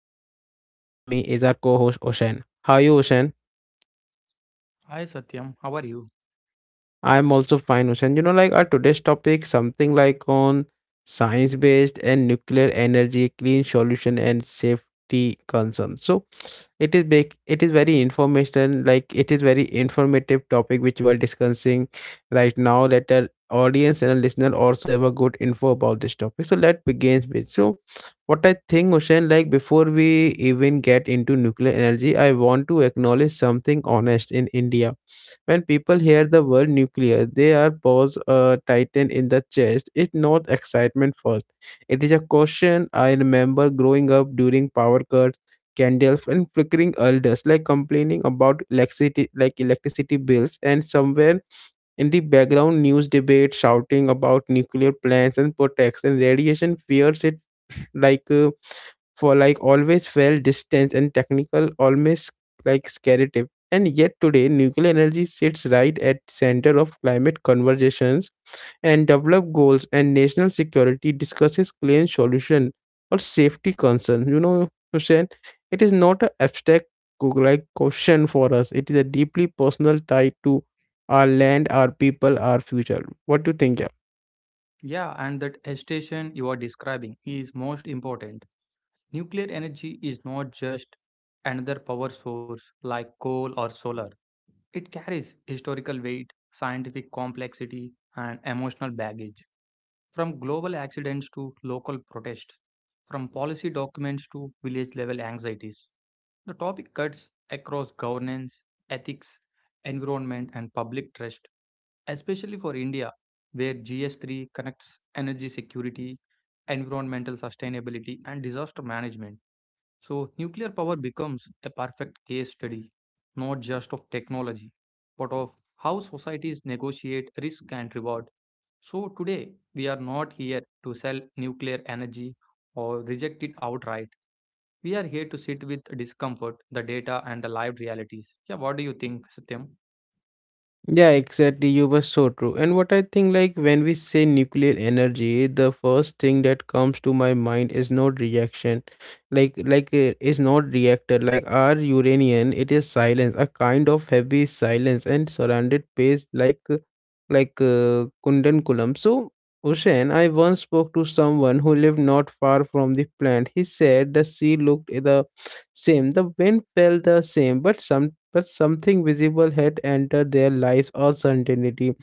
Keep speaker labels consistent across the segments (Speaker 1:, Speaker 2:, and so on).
Speaker 1: Satyam and with me is our co-host Oshan. How are you, Oshan?
Speaker 2: Hi Satyam, how are you?
Speaker 1: I'm also fine, Hussein. You know, like our today's topic, something like on science based and nuclear energy, clean solution and safety concerns. So it is very information, like it is very informative topic which we are discussing right now. Let our audience and our listener also have a good info about this topic. So let begins with so what I think, Hussein, like before we even get into nuclear energy, I want to acknowledge something honest in India, when people hear the word nuclear, they are pause, tighten in the chest. It's not excitement first. It is a caution. I remember growing up during power cuts, candles, and flickering elders, like complaining about electricity, like electricity bills, and somewhere in the background, news debate shouting about nuclear plants and protection, radiation fears it like for like always felt distant and technical, almost like scary. And yet today, nuclear energy sits right at center of climate conversations and develop goals and national security discusses clean solution or safety concern. You know, Hussein, it is not an abstract question for us. It is a deeply personal tie to our land, our people, our future. What do you think?
Speaker 2: Yeah, and that hesitation you are describing is most important. Nuclear energy is not just another power source like coal or solar. It carries historical weight, scientific complexity, and emotional baggage. From global accidents to local protests, from policy documents to village level anxieties. The topic cuts across governance, ethics, environment, and public trust especially for India, where GS3 connects energy security, environmental sustainability, and disaster management. So, nuclear power becomes a perfect case study, not just of technology, but of how societies negotiate risk and reward. So, today, we are not here to sell nuclear energy or reject it outright. We are here to sit with discomfort, the data, and the lived realities. Yeah, what do you think, Satyam?
Speaker 1: Yeah, exactly. You were so true. And what I think, like, when we say nuclear energy, the first thing that comes to my mind is not reaction, is not reactor. Like our uranium, it is silence, a kind of heavy silence, and surrounded space like, Kundankulam. So, Ocean, I once spoke to someone who lived not far from the plant. He said the sea looked the same, the wind felt the same, but sometimes but something visible had entered their lives or certainty.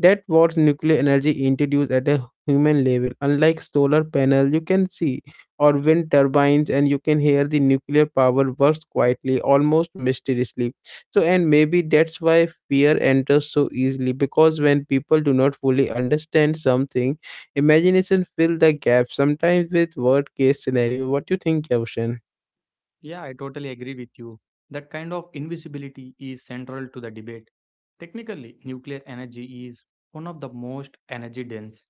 Speaker 1: That what nuclear energy introduced at a human level. Unlike solar panel, you can see or wind turbines, and you can hear the nuclear power works quietly, almost mysteriously. So, and maybe that's why fear enters so easily because when people do not fully understand something, imagination fill the gap. Sometimes with worst case scenario. What do you think, Yavshan?
Speaker 2: Yeah, I totally agree with you. That kind of invisibility is central to the debate. Technically, nuclear energy is one of the most energy dense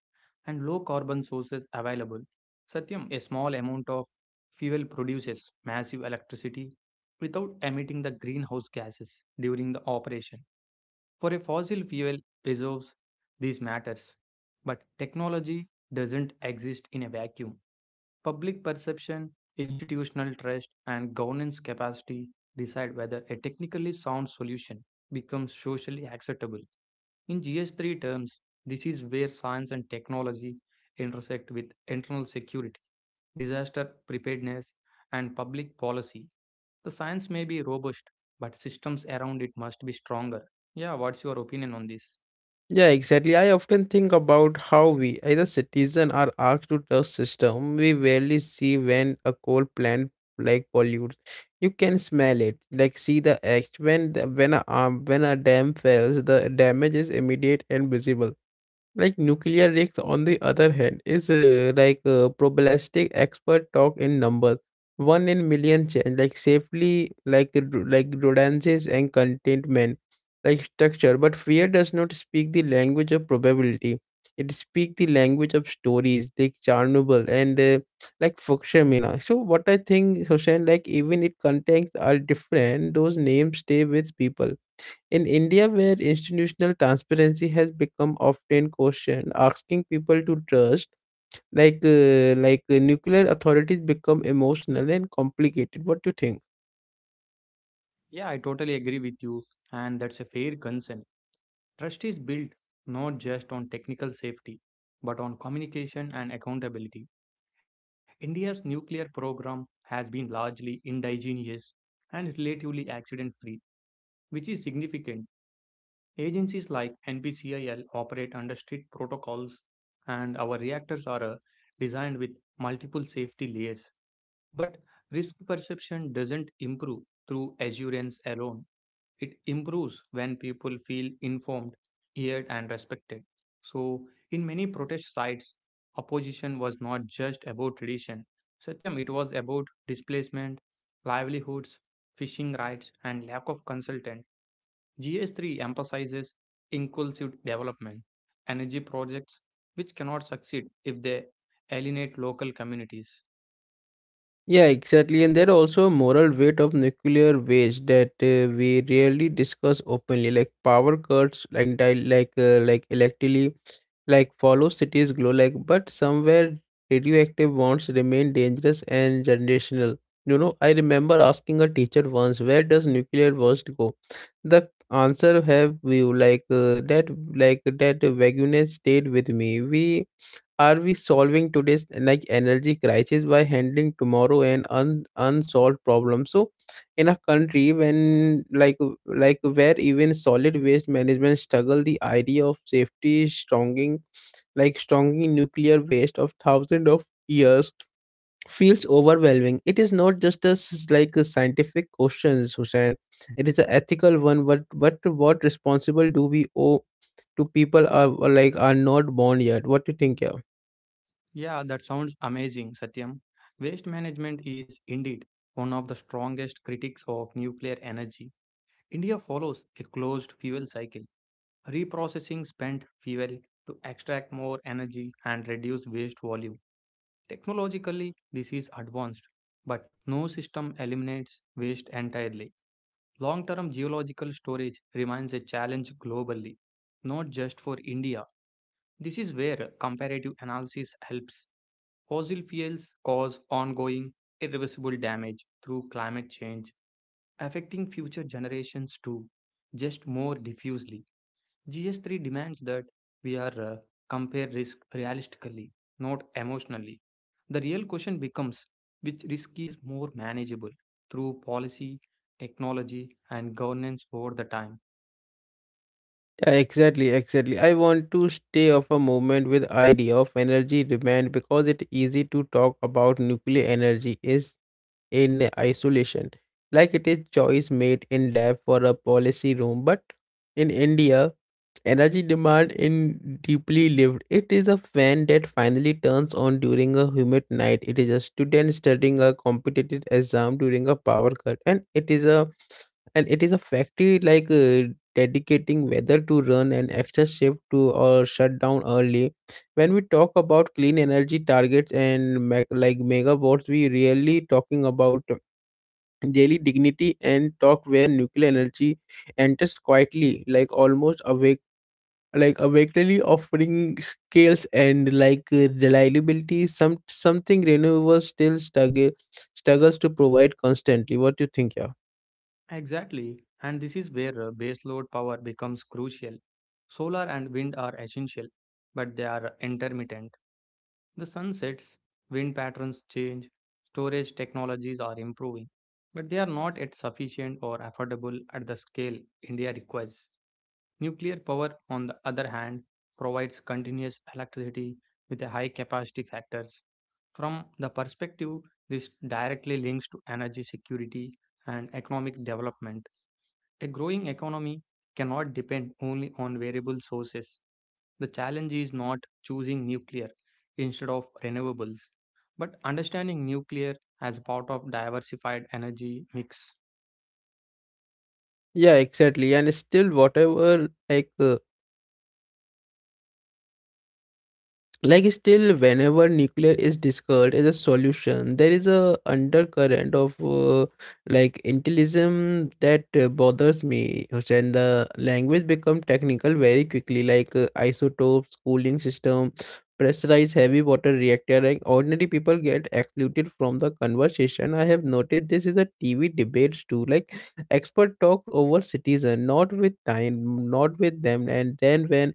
Speaker 2: and low carbon sources available. Satyam, a small amount of fuel produces massive electricity without emitting the greenhouse gases during the operation. For a fossil fuel reserves, these matters. But technology doesn't exist in a vacuum. Public perception, institutional trust, and governance capacity decide whether a technically sound solution becomes socially acceptable. In GS3 terms, this is where science and technology intersect with internal security, disaster preparedness, and public policy. The science may be robust, but systems around it must be stronger. Yeah, what's your opinion on this?
Speaker 1: Yeah, exactly. I often think about how we, as a citizen, are asked to trust system. We rarely see when a coal plant like pollutes. You can smell it, like see the act when the, when a dam fails, the damage is immediate and visible. Like nuclear risks, on the other hand, is probabilistic expert talk in numbers. One in million chance, like safely, like rodents and contentment, like structure. But fear does not speak the language of probability. It speaks the language of stories, like Chernobyl and like Fukushima. So what I think, Hussein, like even it contents are different, those names stay with people. In India, where institutional transparency has become often questioned, asking people to trust, nuclear authorities, become emotional and complicated. What do you think?
Speaker 2: Yeah, I totally agree with you, and that's a fair concern. Trust is built not just on technical safety, but on communication and accountability. India's nuclear program has been largely indigenous and relatively accident free, which is significant. Agencies like NPCIL operate under strict protocols, and our reactors are designed with multiple safety layers. But risk perception doesn't improve through assurance alone. It improves when people feel informed, heard, and respected. So, in many protest sites, opposition was not just about tradition. Satyam, it was about displacement, livelihoods, fishing rights, and lack of consultant. GS3 emphasizes inclusive development, energy projects which cannot succeed if they alienate local communities.
Speaker 1: Yeah, exactly. And there are also a moral weight of nuclear waste that we rarely discuss openly, like power cuts, like electively like follow cities glow, like but somewhere radioactive bonds remain dangerous and generational. You know, I remember asking a teacher once, where does nuclear waste go? The answer have you that like that vagueness stayed with me. We are we solving today's like energy crisis by handling tomorrow and unsolved problems? So in a country when like where even solid waste management struggle, the idea of safety is strong, like strongly nuclear waste of thousands of years feels overwhelming. It is not just a a scientific question, Hussein. It is an ethical one. But what responsible do we owe to people are not born yet? What do you think, yeah?
Speaker 2: Yeah, that sounds amazing, Satyam. Waste management is indeed one of the strongest critics of nuclear energy. India follows a closed fuel cycle, reprocessing spent fuel to extract more energy and reduce waste volume. Technologically, this is advanced, but no system eliminates waste entirely. Long term geological storage remains a challenge globally, not just for India. This is where comparative analysis helps. Fossil fuels cause ongoing, irreversible damage through climate change, affecting future generations too, just more diffusely. GS3 demands that we are compare risk realistically, not emotionally. The real question becomes which risk is more manageable through policy, technology, and governance over the time.
Speaker 1: Yeah, exactly. I want to stay off a moment with idea of energy demand because it easy to talk about nuclear energy is in isolation, like it is choice made in lab for a policy room but in India, energy demand in deeply lived. It is a fan that finally turns on during a humid night. It is a student studying a competitive exam during a power cut, and it is a factory dedicating whether to run an extra shift to or shut down early. When we talk about clean energy targets and megawatts, we really talking about daily dignity and talk where nuclear energy enters quietly, like almost away like awakeningly, offering scales and reliability, some something renewables still struggles to provide constantly. What do you think, yeah?
Speaker 2: Exactly, and this is where baseload power becomes crucial. Solar and wind are essential, but they are intermittent. The sun sets, wind patterns change, storage technologies are improving, but they are not yet sufficient or affordable at the scale India requires. Nuclear power, on the other hand, provides continuous electricity with a high capacity factors. From the perspective, this directly links to energy security and economic development. A growing economy cannot depend only on variable sources. The challenge is not choosing nuclear instead of renewables, but understanding nuclear as part of diversified energy mix.
Speaker 1: Yeah, exactly. And still whatever still whenever nuclear is discussed as a solution, there is a undercurrent of like intellism that bothers me, and the language become technical very quickly, isotopes, cooling system, pressurized heavy water reactor. Like ordinary people get excluded from the conversation. I have noticed this is a TV debates too, like expert talk over citizen, not with time, not with them. And then when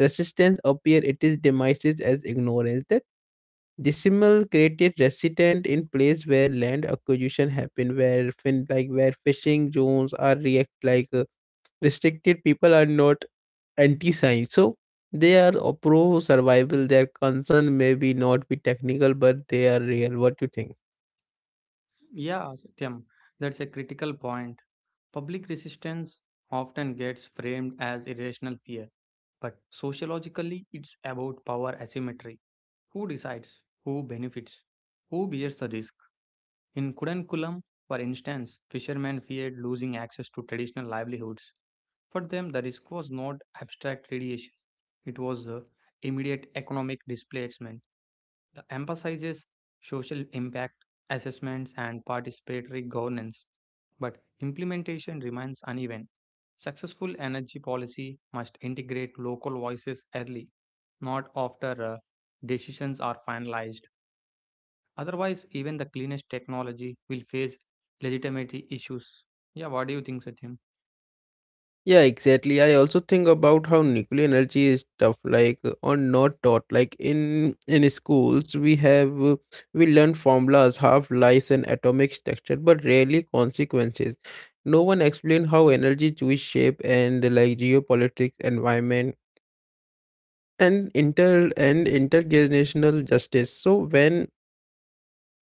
Speaker 1: resistance appear at its demises as ignorance. That decimal created resident in place where land acquisition happened, where where fishing zones are react restricted. People are not anti-science, so they are pro survival. Their concern may be not be technical, but they are real. What do you think?
Speaker 2: Yeah, Satyam, that's a critical point. Public resistance often gets framed as irrational fear, but sociologically it's about power asymmetry. Who decides? Who benefits? Who bears the risk? In Kudankulam, for instance, fishermen feared losing access to traditional livelihoods. For them, the risk was not abstract radiation, it was the immediate economic displacement. The emphasizes social impact assessments and participatory governance, but implementation remains uneven. Successful energy policy must integrate local voices early, not after decisions are finalized. Otherwise, even the cleanest technology will face legitimacy issues. Yeah, what do you think, Satyam?
Speaker 1: Yeah, exactly. I also think about how nuclear energy is tough, or not taught. Like in schools, we have we learn formulas, half lives, and atomic structure, but rarely consequences. No one explained how energy choose shape and like geopolitics, environment, and intergenerational justice. So when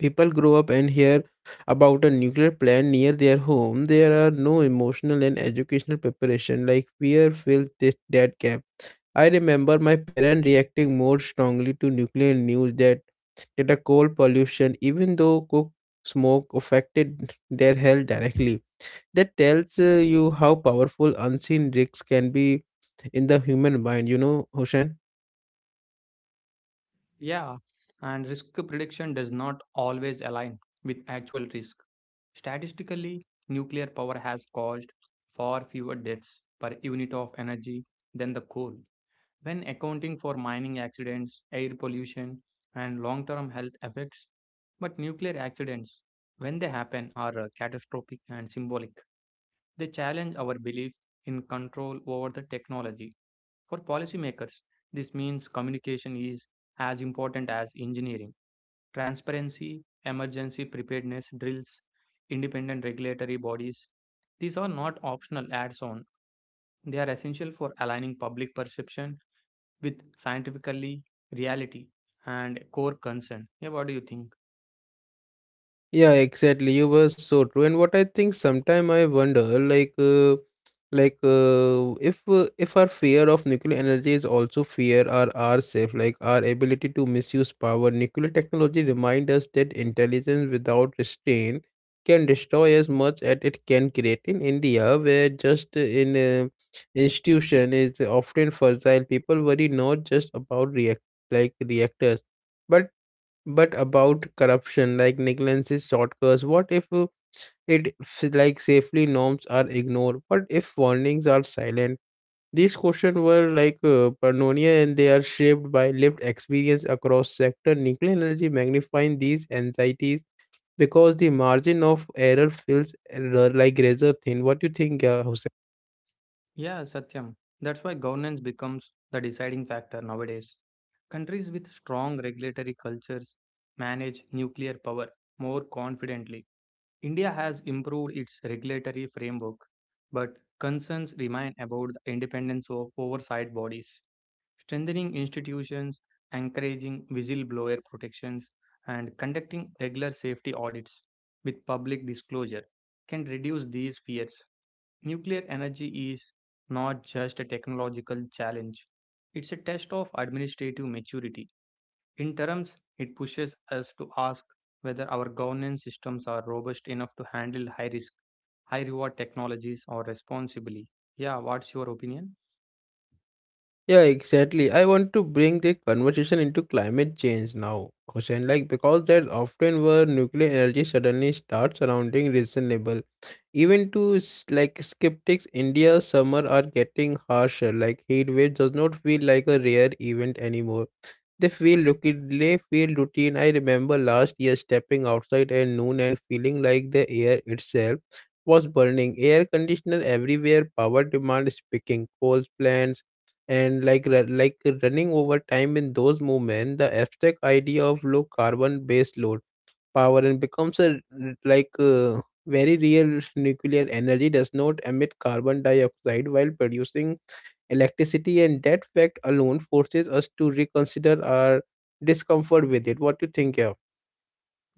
Speaker 1: people grow up and hear about a nuclear plant near their home, there are no emotional and educational preparation. Like fear fills this that gap. I remember my parents reacting more strongly to nuclear news that that the coal pollution, even though coke smoke affected their health directly. That tells you how powerful unseen risks can be in the human mind. You know, Hoshan.
Speaker 2: Yeah, and risk prediction does not always align with actual risk. Statistically, nuclear power has caused far fewer deaths per unit of energy than the coal. When accounting for mining accidents, air pollution, and long term health effects, but nuclear accidents, when they happen, are catastrophic and symbolic. They challenge our belief in control over the technology. For policymakers, this means communication is as important as engineering transparency, emergency preparedness drills, independent regulatory bodies. These are not optional adds on, they are essential for aligning public perception with scientifically reality and core concern. Yeah, what do you think?
Speaker 1: Yeah, exactly. You were so true. And what I think sometime I wonder, like, if our fear of nuclear energy is also fear our ourself, like our ability to misuse power. Nuclear technology remind us that intelligence without restraint can destroy as much as it can create. In India, where just in institution is often fragile, people worry not just about reactors. But but about corruption, like negligence, shortcuts. What if it safely norms are ignored? What if warnings are silent? These questions were Pannonia, and they are shaped by lived experience across sector. Nuclear energy magnifying these anxieties because the margin of error feels like razor thin. What do you think, Hussein?
Speaker 2: Yeah, Satyam. That's why governance becomes the deciding factor nowadays. Countries with strong regulatory cultures manage nuclear power more confidently. India has improved its regulatory framework, but concerns remain about the independence of oversight bodies. Strengthening institutions, encouraging whistleblower protections, and conducting regular safety audits with public disclosure can reduce these fears. Nuclear energy is not just a technological challenge, it's a test of administrative maturity. In terms, it pushes us to ask whether our governance systems are robust enough to handle high risk, high reward technologies or responsibly. Yeah, what's your opinion?
Speaker 1: Yeah, exactly. I want to bring the conversation into climate change now, Hussein, like because that's often where nuclear energy suddenly starts sounding reasonable. Even to skeptics, India's summer are getting harsher. Like heat wave does not feel like a rare event anymore. They feel routine. I remember last year stepping outside at noon and feeling like the air itself was burning. Air conditioner everywhere. Power demand speaking. Coal plants and like running over time. In those movements, the abstract idea of low carbon based load power and becomes a very real. Nuclear energy does not emit carbon dioxide while producing electricity, and that fact alone forces us to reconsider our discomfort with it. What do you think, yeah?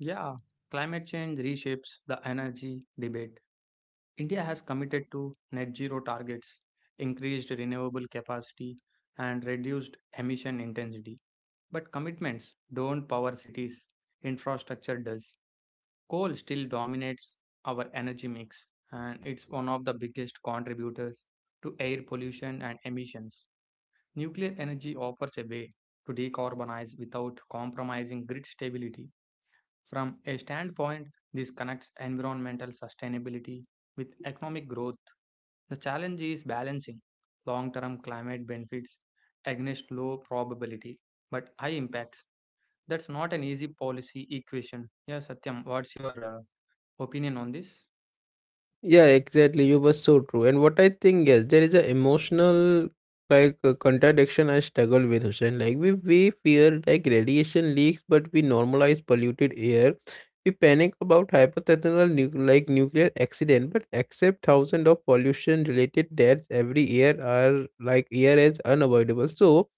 Speaker 2: Yeah, climate change reshapes the energy debate. India has committed to net zero targets, increased renewable capacity, and reduced emission intensity. But commitments don't power cities, infrastructure does. Coal still dominates our energy mix, and it's one of the biggest contributors to air pollution and emissions. Nuclear energy offers a way to decarbonize without compromising grid stability. From a standpoint, this connects environmental sustainability with economic growth. The challenge is balancing long term climate benefits against low probability but high impacts. That's not an easy policy equation. Yeah, Satyam, what's your opinion on this?
Speaker 1: Yeah, exactly. You were so true. And what I think is there is a emotional contradiction I struggle with, Hussein. Like we fear like radiation leaks, but we normalize polluted air. We panic about hypothetical nuclear accident, but accept thousands of pollution related deaths every year are like air as unavoidable. So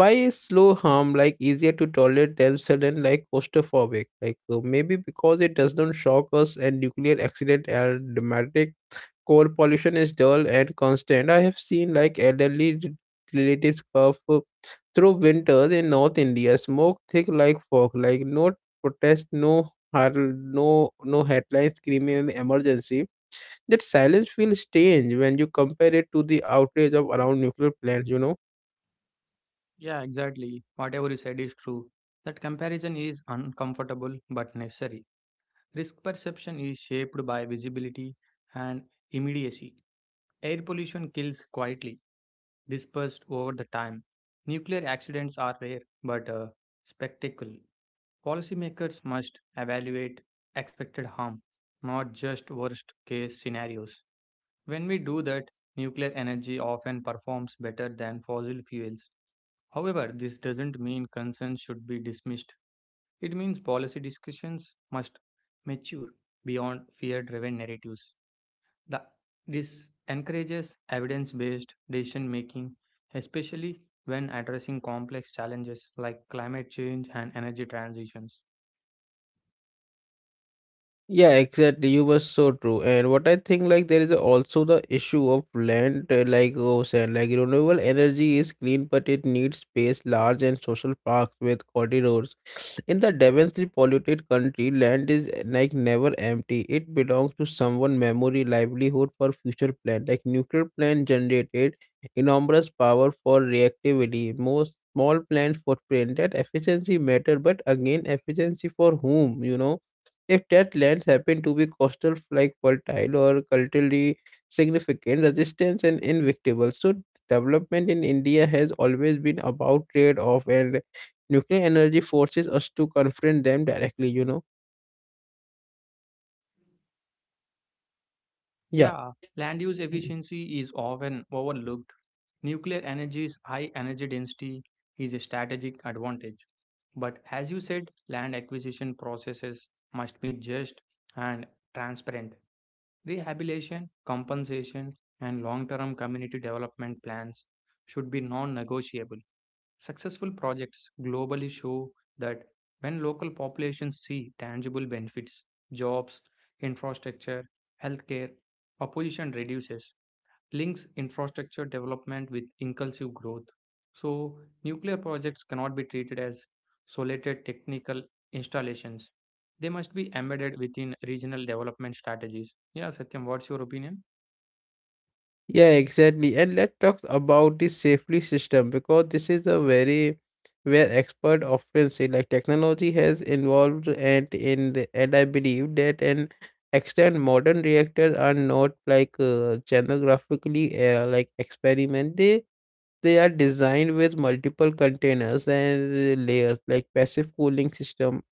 Speaker 1: why is slow harm like easier to tolerate than sudden like claustrophobic maybe because it does not shock us, and nuclear accident are dramatic. Coal pollution is dull and constant. I have seen like elderly relatives cough through winters in north India, smoke thick like fog, like no protest, no no headlines screaming an emergency. That silence feels strange when you compare it to the outrage of around nuclear plants, you know.
Speaker 2: Yeah, exactly. Whatever you said is true. That comparison is uncomfortable but necessary. Risk perception is shaped by visibility and immediacy. Air pollution kills quietly, dispersed over the time. Nuclear accidents are rare but a spectacle. Policymakers must evaluate expected harm, not just worst case scenarios. When we do that, nuclear energy often performs better than fossil fuels. However, this doesn't mean concerns should be dismissed. It means policy discussions must mature beyond fear driven narratives. The, this encourages evidence based decision making, especially when addressing complex challenges like climate change and energy transitions.
Speaker 1: Yeah, exactly. You were so true. And what I think, like, there is also the issue of land, said, like renewable energy is clean, but it needs space, large and social parks with corridors. In the densely polluted country, land is never empty. It belongs to someone, memory, livelihood for future plan. Like nuclear plant generated enormous power for reactivity. Most small plant footprint that efficiency matter, but again, efficiency for whom? If that lands happen to be coastal, like fertile or culturally significant, resistance and invictable. So development in India has always been about trade-off, and nuclear energy forces us to confront them directly. Yeah.
Speaker 2: Yeah, land use efficiency is often overlooked. Nuclear energy's high energy density is a strategic advantage. But as you said, land acquisition processes must be just and transparent. Rehabilitation, compensation, and long term community development plans should be non negotiable. Successful projects globally show that when local populations see tangible benefits, jobs, infrastructure, healthcare, opposition reduces, links infrastructure development with inclusive growth. So, nuclear projects cannot be treated as solitary technical installations. They must be embedded within regional development strategies. Yeah, Satyam, what's your opinion?
Speaker 1: Yeah, exactly. And let's talk about the safely system because this is a very where expert often say like technology has involved and I believe that an extent modern reactors are not like genographically like experiment. They are designed with multiple containers and layers like passive cooling system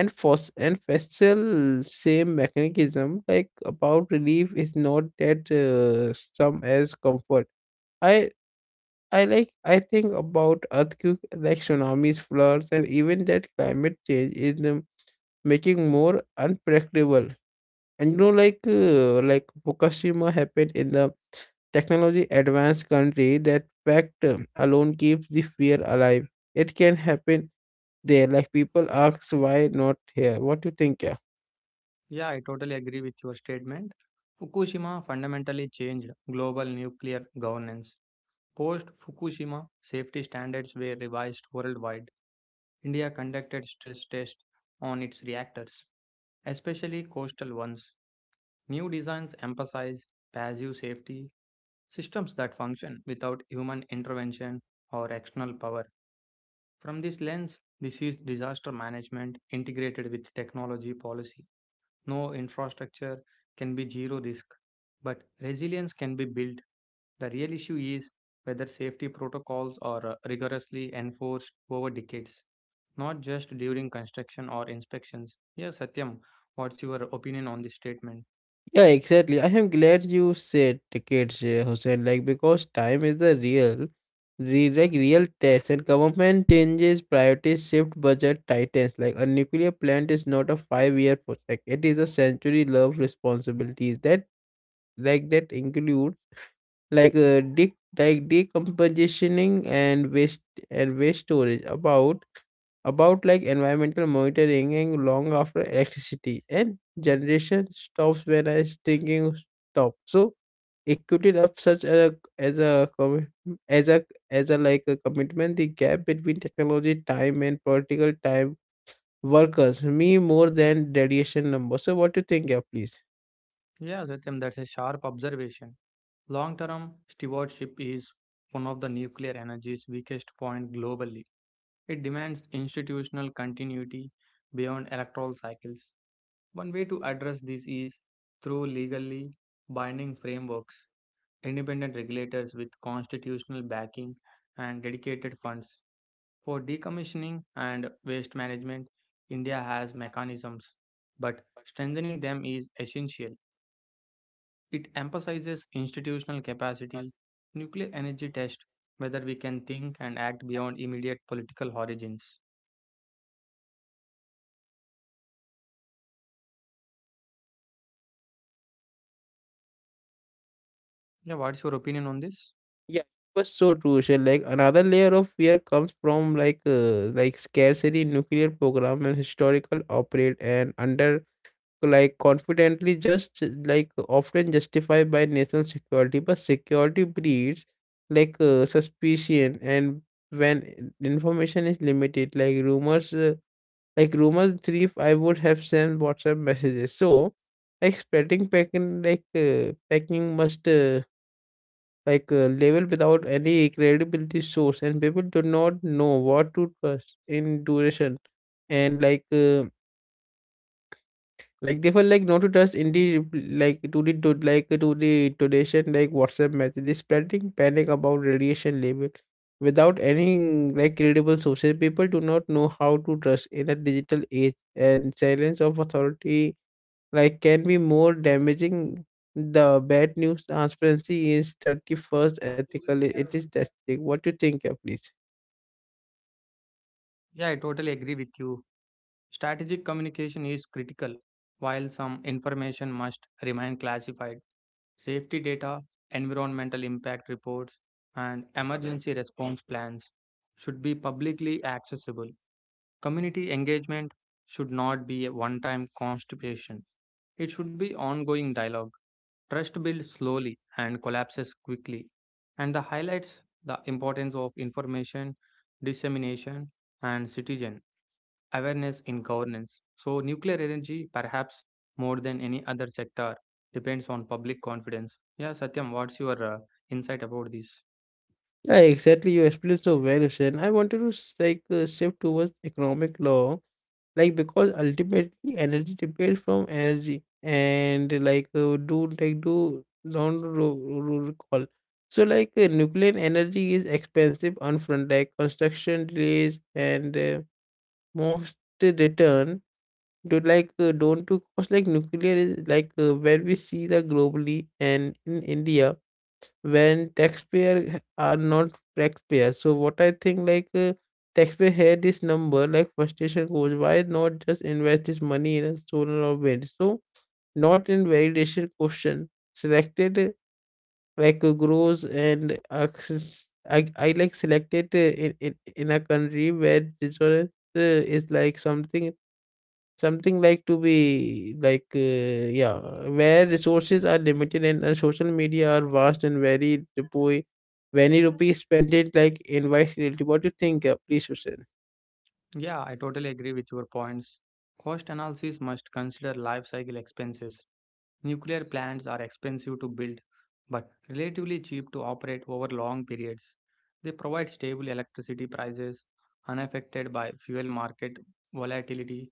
Speaker 1: and fos and festal same mechanism like about relief is not that some as comfort. I i like I think about earthquake, like tsunamis, floods, and even that climate change is making more unpredictable. And you know like Fukushima happened in the technology advanced country. That fact alone keeps the fear alive. It can happen there. Like, people ask, why not here? What do you think, yeah?
Speaker 2: Yeah, I totally agree with your statement. Fukushima fundamentally changed global nuclear governance. Post Fukushima, safety standards were revised worldwide. India conducted stress tests on its reactors, especially coastal ones. New designs emphasize passive safety, systems that function without human intervention or external power. From this lens, this is disaster management integrated with technology policy. No infrastructure can be zero risk, but resilience can be built. The real issue is whether safety protocols are rigorously enforced over decades, not just during construction or inspections. Yeah, Satyam, what's your opinion on this statement?
Speaker 1: Yeah, exactly. I am glad you said tickets, Hussein, like because time is the real, like real test, and government changes, priorities shift, budget tightens. Like a nuclear plant is not a five-year project; it is a century-long responsibilities that include like like decompositioning and waste storage, about like environmental monitoring, and long after electricity and generation stops, when I was thinking stop. So equated up such as a as a like a commitment. The gap between technology time and political time workers me more than radiation number. So what do you think, yeah, please?
Speaker 2: Yeah, Satyam, that's a sharp observation. Long term stewardship is one of the nuclear energy's weakest point globally. It demands institutional continuity beyond electoral cycles. One way to address this is through legally binding frameworks, independent regulators with constitutional backing, and dedicated funds. For decommissioning and waste management, India has mechanisms, but strengthening them is essential. It emphasizes institutional capacity, nuclear energy test, whether we can think and act beyond immediate political origins. Yeah, what's your opinion on this?
Speaker 1: Yeah, it was so crucial. Like another layer of fear comes from like scarcity, nuclear program, and historical operate and under like confidently just like often justified by national security, but security breeds like suspicion. And when information is limited, like rumors, like rumors thrive. I would have sent WhatsApp messages. So, like spreading packing, like packing must. Like a level without any credibility source, and people do not know what to trust in duration. And like they feel like not to trust indeed, like to the to the donation, like WhatsApp message. They spreading panic about radiation label without any like credible sources. People do not know how to trust in a digital age, and silence of authority like can be more damaging. The bad news transparency is 31st ethical. It is testing. What do you think, please?
Speaker 2: Yeah, I totally agree with you. Strategic communication is critical. While some information must remain classified, safety data, environmental impact reports, and emergency response plans should be publicly accessible. Community engagement should not be a one time constipation, it should be ongoing dialogue. Trust builds slowly and collapses quickly, and the highlights the importance of information dissemination and citizen awareness in governance. So, nuclear energy, perhaps more than any other sector, depends on public confidence. Yeah, Satyam, what's your insight about this?
Speaker 1: Yeah, exactly. You explained so well, Hussein. I wanted to shift towards economic law, like because ultimately energy depends from energy and like do don't ro- ro- recall. So like nuclear energy is expensive upfront, like construction delays and most return. Dude, like, don't to cause like nuclear is like where we see the globally and in India when taxpayer are not taxpayer. So what I think like taxpayer had this number, like frustration goes, why not just invest this money in a solar or wind? So not in validation question selected grows and access. I like selected in, in a country where this is like something. Something like to be like, yeah, where resources are limited and social media are vast and very rupees spent it like invites reality. What do you think? Please, Hussein.
Speaker 2: Yeah, I totally agree with your points. Cost analysis must consider life cycle expenses. Nuclear plants are expensive to build but relatively cheap to operate over long periods. They provide stable electricity prices unaffected by fuel market volatility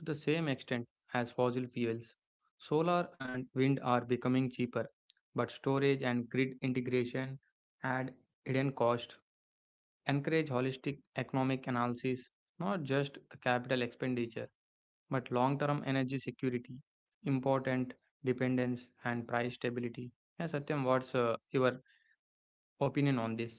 Speaker 2: to the same extent as fossil fuels. Solar and wind are becoming cheaper, but storage and grid integration add hidden cost. Encourage holistic economic analysis, not just the capital expenditure but long term energy security, important dependence, and price stability. Yeah, Satyam, what's your opinion on this?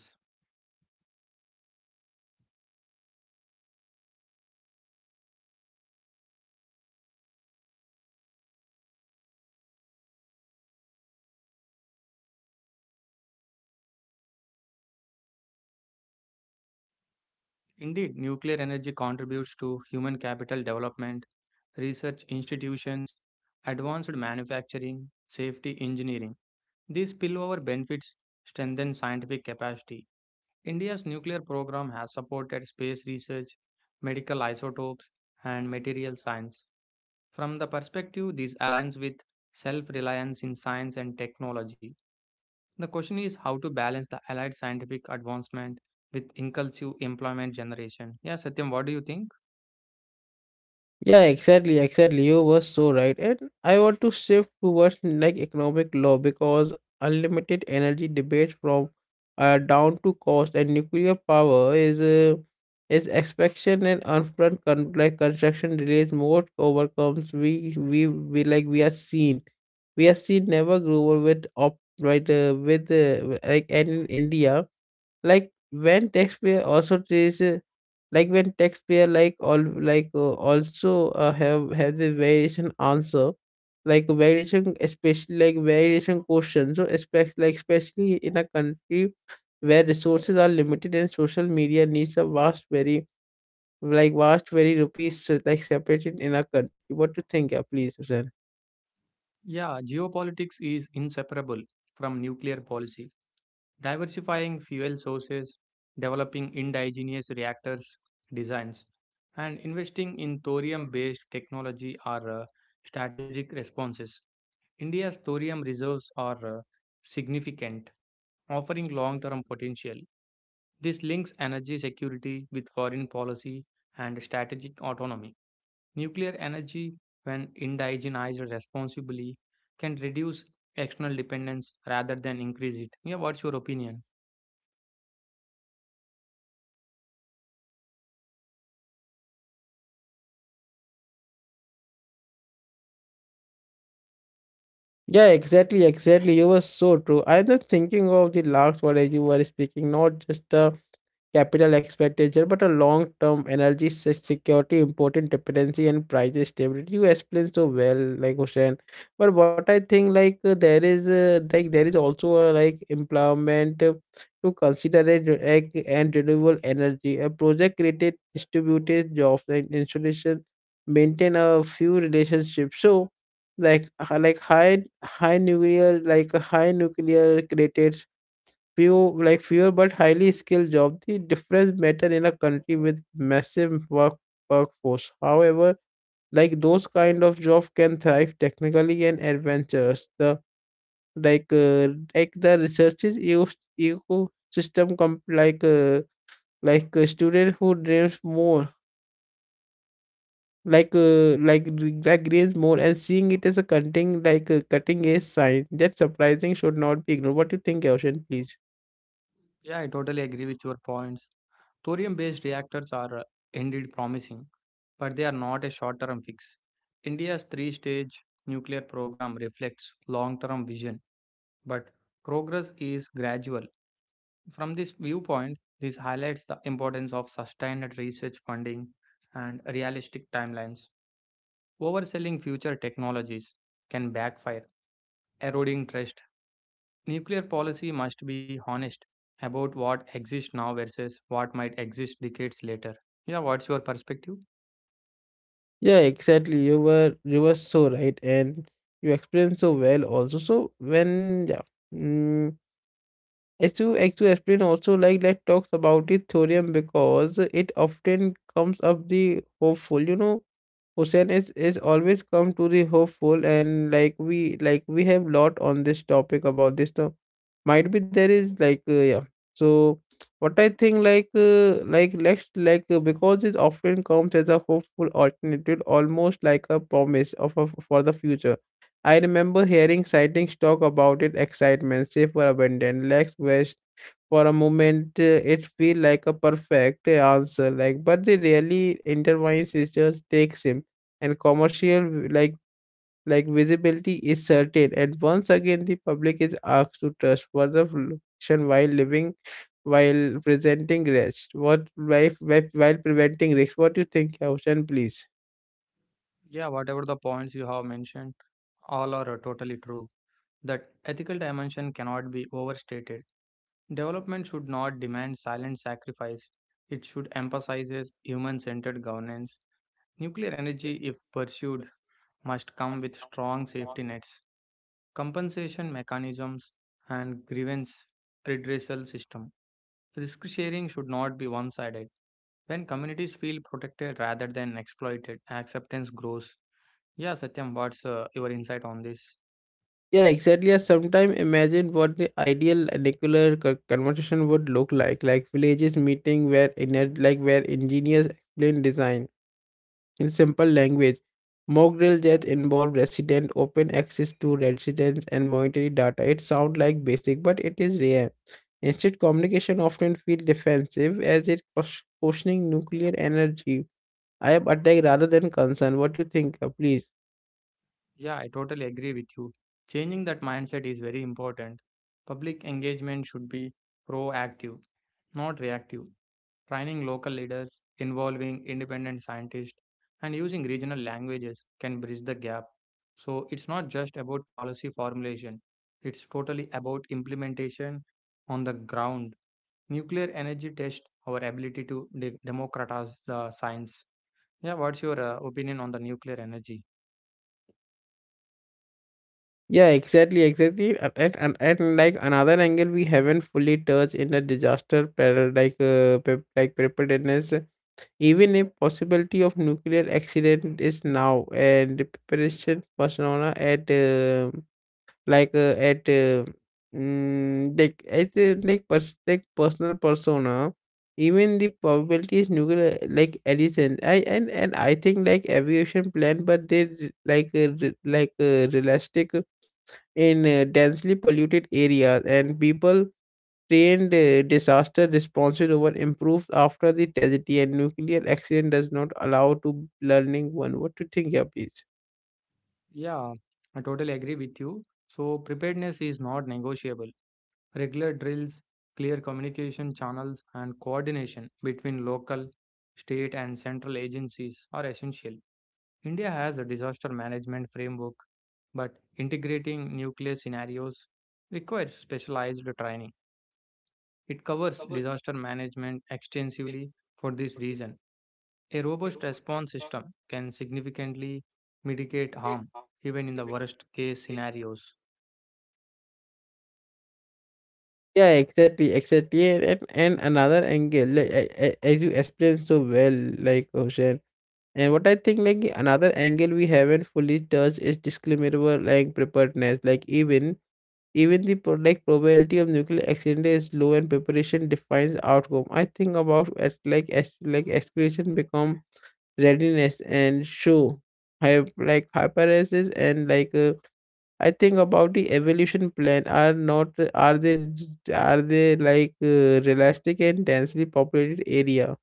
Speaker 2: Indeed, nuclear energy contributes to human capital development, research institutions, advanced manufacturing, safety engineering. These spillover benefits strengthen scientific capacity. India's nuclear program has supported space research, medical isotopes, and material science. From the perspective, this aligns with self reliance in science and technology. The question is how to balance the allied scientific advancement with inclusive employment generation. Yeah, Satyam, what do you think?
Speaker 1: Yeah, exactly, exactly. You were so right. And I want to shift towards like economic law because unlimited energy debate from down to cost, and nuclear power is expansion and upfront like construction delays more overcomes. We we like we are seen never grew over with op right with like. And in India like when taxpayer also treats like when taxpayer like all like also have the variation answer, like variation, especially like variation question, so especially like especially in a country where resources are limited and social media needs a vast very like vast very rupees like separated in our country. What do you think, yeah, please, Susan?
Speaker 2: Yeah, geopolitics is inseparable from nuclear policy. Diversifying fuel sources, developing indigenous reactors designs, and investing in thorium based technology are strategic responses. India's thorium reserves are significant offering long term potential. This links energy security with foreign policy and strategic autonomy. Nuclear energy, when indigenized responsibly, can reduce external dependence rather than increase it. Yeah, what's your opinion?
Speaker 1: Yeah, exactly, exactly. You were so true. I was thinking of the last word as you were speaking, not just the capital expenditure, but a long-term energy security, important dependency, and price stability. You explained so well, like Hussein. But what I think, like like there is also a like employment to consider it, like, and renewable energy. A project created distributed jobs and installation maintain a few relationships. So like high nuclear created few like fewer but highly skilled job. The difference matter in a country with massive workforce. However, like those kind of job can thrive technically and adventurous, the like uh, like the researchers ecosystem like a student who dreams more, like like grains more, and seeing it as a cutting like a cutting edge sign that surprising should not be ignored. What do you think, Ocean, please?
Speaker 2: Yeah, I totally agree with your points. Thorium based reactors are indeed promising, but they are not a short term fix. India's three stage nuclear program reflects long term vision, but progress is gradual. From this viewpoint, this highlights the importance of sustained research funding and realistic timelines. Overselling future technologies can backfire, eroding trust. Nuclear policy must be honest about what exists now versus what might exist decades later. Yeah, what's your perspective?
Speaker 1: Yeah, exactly. You were so right, and you explained so well also. So when, yeah. Mm, as you explain also, like, let's talk about the thorium because it often comes up the hopeful. You know, Hussein is always come to the hopeful, and like we have lot on this topic about this. So might be there is like yeah. So what I think, like let's like because it often comes as a hopeful alternative, almost like a promise of a, for the future. I remember hearing sightings talk about it excitement, safe for abandon, legs west. For a moment, it feel like a perfect answer, like but they really intertwines. It just takes him, and commercial like visibility is certain. And once again, the public is asked to trust for the fiction while living, while presenting rest. What while preventing risk. What do you think, Ocean? Please.
Speaker 2: Yeah, whatever the points you have mentioned, all are totally true. That ethical dimension cannot be overstated. Development should not demand silent sacrifice. It should emphasize human-centered governance. Nuclear energy, if pursued, must come with strong safety nets, compensation mechanisms, and grievance redressal system. Risk sharing should not be one-sided. When communities feel protected rather than exploited, acceptance grows. Yeah, Satyam, what's your insight on this?
Speaker 1: Yeah, exactly. I sometimes imagine what the ideal nuclear conversation would look like villages meeting where where engineers explain design in simple language, mock drill that involve resident, open access to residents and monetary data. It sounds like basic, but it is rare. Instead, communication often feels defensive as it questioning nuclear energy. I am attacked rather than concerned. What do you think? Please.
Speaker 2: Yeah, I totally agree with you. Changing that mindset is very important. Public engagement should be proactive, not reactive. Training local leaders, involving independent scientists, and using regional languages can bridge the gap. So it's not just about policy formulation, it's totally about implementation on the ground. Nuclear energy tests our ability to democratize the science. Yeah, what's your opinion on the nuclear energy?
Speaker 1: Yeah, exactly, exactly. And, like another angle we haven't fully touched in the disaster like preparedness, even if possibility of nuclear accident is now, and the preparation persona at like at mm, like at like, pers- like personal persona, even the probability is nuclear like addition. I and I think like aviation plan, but they like realistic in densely polluted areas, and people trained disaster responses over improves after the tragedy, and nuclear accident does not allow to learning one. What to think, yeah, please.
Speaker 2: Yeah, I totally agree with you. So, preparedness is not negotiable. Regular drills, clear communication channels, and coordination between local, state, and central agencies are essential. India has a disaster management framework, but integrating nuclear scenarios requires specialized training. It covers disaster management extensively for this reason. A robust response system can significantly mitigate harm, even in the worst case scenarios.
Speaker 1: Yeah, exactly, exactly, and another angle, like as you explained so well, like Ocean. And what I think, like another angle we haven't fully touched is disclaimer, like preparedness, like even the like probability of nuclear accident is low, and preparation defines outcome. I think about as like excretion become readiness and show like hyperesis and like I think about the evolution plan are not are they like realistic and densely populated area.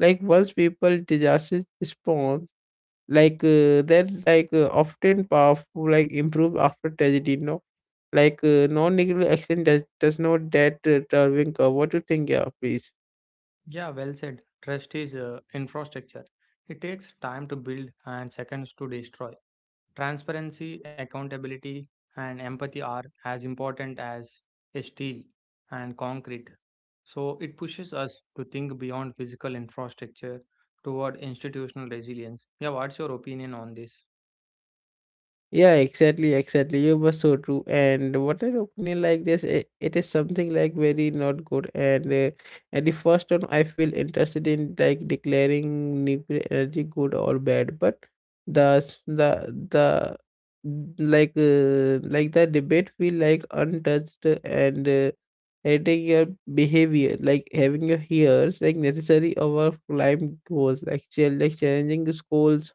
Speaker 1: Like once people disasters spawn, like, they're like often powerful, like improved after tragedy, no? Like non nuclear accident does not that turbine curve. What do you think, yeah, please?
Speaker 2: Yeah, well said. Trust is infrastructure. It takes time to build and seconds to destroy. Transparency, accountability, and empathy are as important as steel and concrete. So it pushes us to think beyond physical infrastructure toward institutional resilience. Yeah, what's your opinion on this?
Speaker 1: Yeah, exactly, exactly. You were so true. And what an opinion like this, it is something like very not good. And at the first time, I feel interested in like declaring nuclear energy good or bad, but the s- the n- like the debate feel like untouched and editing your behavior, like having your hears like necessary over climb goals, like like challenging schools.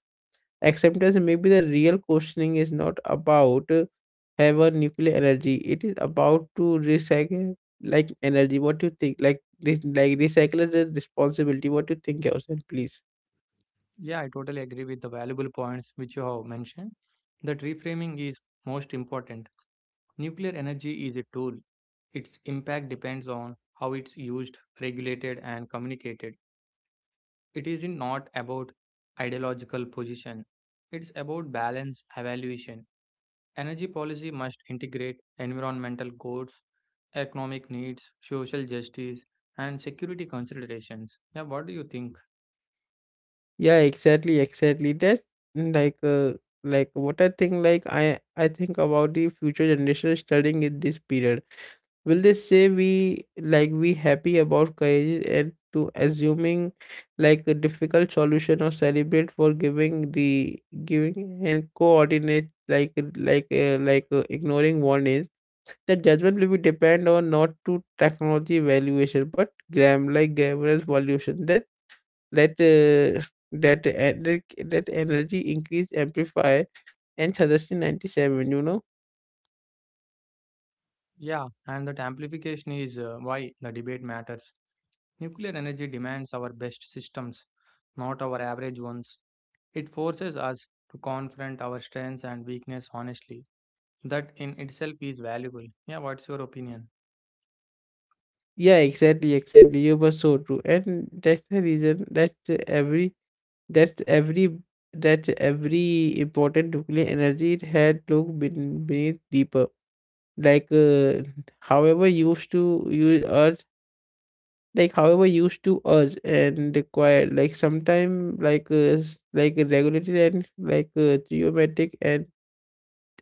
Speaker 1: Acceptance maybe the real questioning is not about have a nuclear energy. It is about to recycle like energy. What do you think? Like like recycle the responsibility. What do you think, Gaussian, please?
Speaker 2: Yeah, I totally agree with the valuable points which you have mentioned. That reframing is most important. Nuclear energy is a tool. Its impact depends on how it's used, regulated, and communicated. It is not about ideological position, it's about balance evaluation. Energy policy must integrate environmental goals, economic needs, social justice, and security considerations. Yeah, what do you think?
Speaker 1: Yeah, exactly, exactly. That's mm, like what I think like I think about the future generation studying in this period. Will they say we happy about courage and to assuming like a difficult solution, or celebrate for giving the giving and coordinate ignoring warnings? The judgment will be depend on not to technology valuation but grammar's valuation that that uh, that uh, that that energy increase amplify and suggestion 97, you know.
Speaker 2: Yeah, and that amplification is why the debate matters. Nuclear energy demands our best systems, not our average ones. It forces us to confront our strengths and weakness honestly. That in itself is valuable. Yeah, what's your opinion?
Speaker 1: Yeah, exactly, exactly. You were so true, and that's the reason that every that's every that every important nuclear energy it had looked been beneath deeper. Like however used to use Earth, like however used to Earth, and required like sometime like like regulated and like geometric,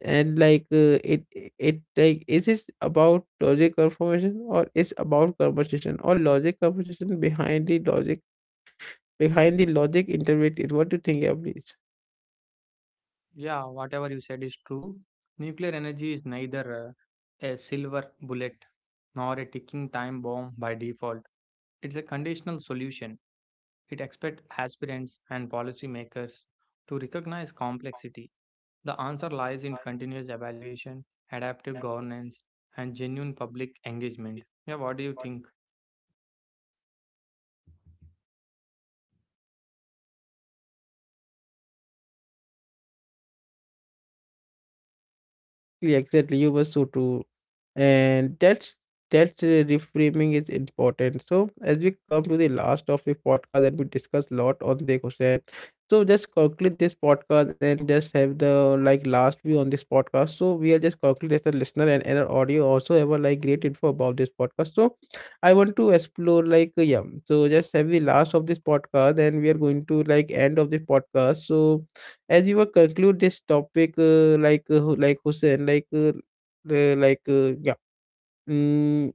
Speaker 1: and like it it like is it about logic confirmation, or is about conversation or logic conversation behind the logic interpreted. What do you think, yeah, please?
Speaker 2: Yeah, whatever you said is true. Nuclear energy is neither a silver bullet nor a ticking time bomb by default. It's a conditional solution. It expects aspirants and policymakers to recognize complexity. The answer lies in continuous evaluation, adaptive governance, and genuine public engagement. Yeah, what do you think?
Speaker 1: Exactly, exactly. You were so true, and that's reframing is important. So as we come to the last of the podcast and we discuss a lot on the question, so just conclude this podcast and just have the like last view on this podcast. So we are just conclude as a listener, and our audio also have a like great info about this podcast. So I want to explore like yeah, so just have the last of this podcast, and we are going to like end of the podcast. So as you were conclude this topic like Hussein, like yeah. Mm,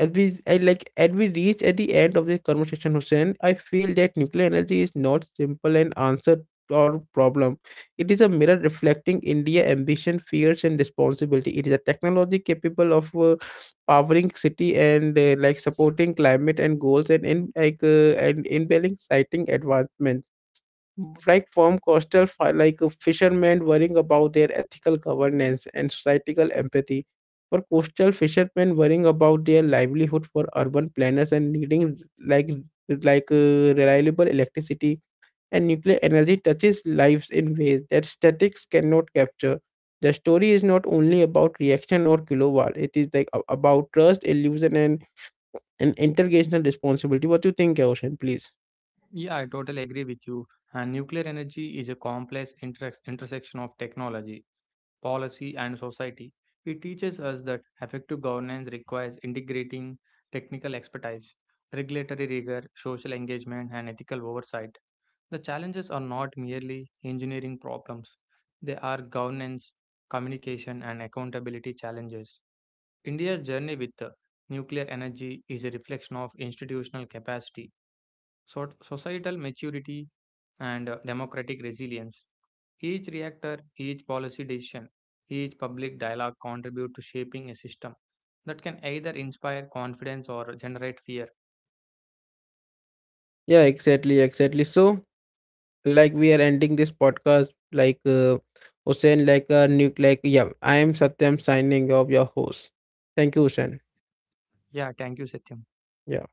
Speaker 1: as we reach at the end of this conversation, Hussein, I feel that nuclear energy is not simple an answer or problem. It is a mirror reflecting India ambition, fears, and responsibility. It is a technology capable of powering city and like supporting climate and goals, and in like and in citing advancement, like from coastal fishermen worrying about their ethical governance and societal empathy, for coastal fishermen worrying about their livelihood, for urban planners and needing like reliable electricity. And nuclear energy touches lives in ways that statics cannot capture. The story is not only about reaction or kilowatt. It is about trust illusion and an intergenerational responsibility. What do you think, Ocean, please?
Speaker 2: Yeah, I totally agree with you. And nuclear energy is a complex intersection of technology, policy, and society. It teaches us that effective governance requires integrating technical expertise, regulatory rigor, social engagement, and ethical oversight. The challenges are not merely engineering problems, they are governance, communication, and accountability challenges. India's journey with the nuclear energy is a reflection of institutional capacity, societal maturity, and democratic resilience. Each reactor, each policy decision, each public dialogue contribute to shaping a system that can either inspire confidence or generate fear.
Speaker 1: Yeah, exactly, exactly. So like we are ending this podcast, like Hussein, like a nuke like yeah, I am Satyam signing off, your host. Thank you, Hussein.
Speaker 2: Yeah, thank you, Satyam.
Speaker 1: Yeah.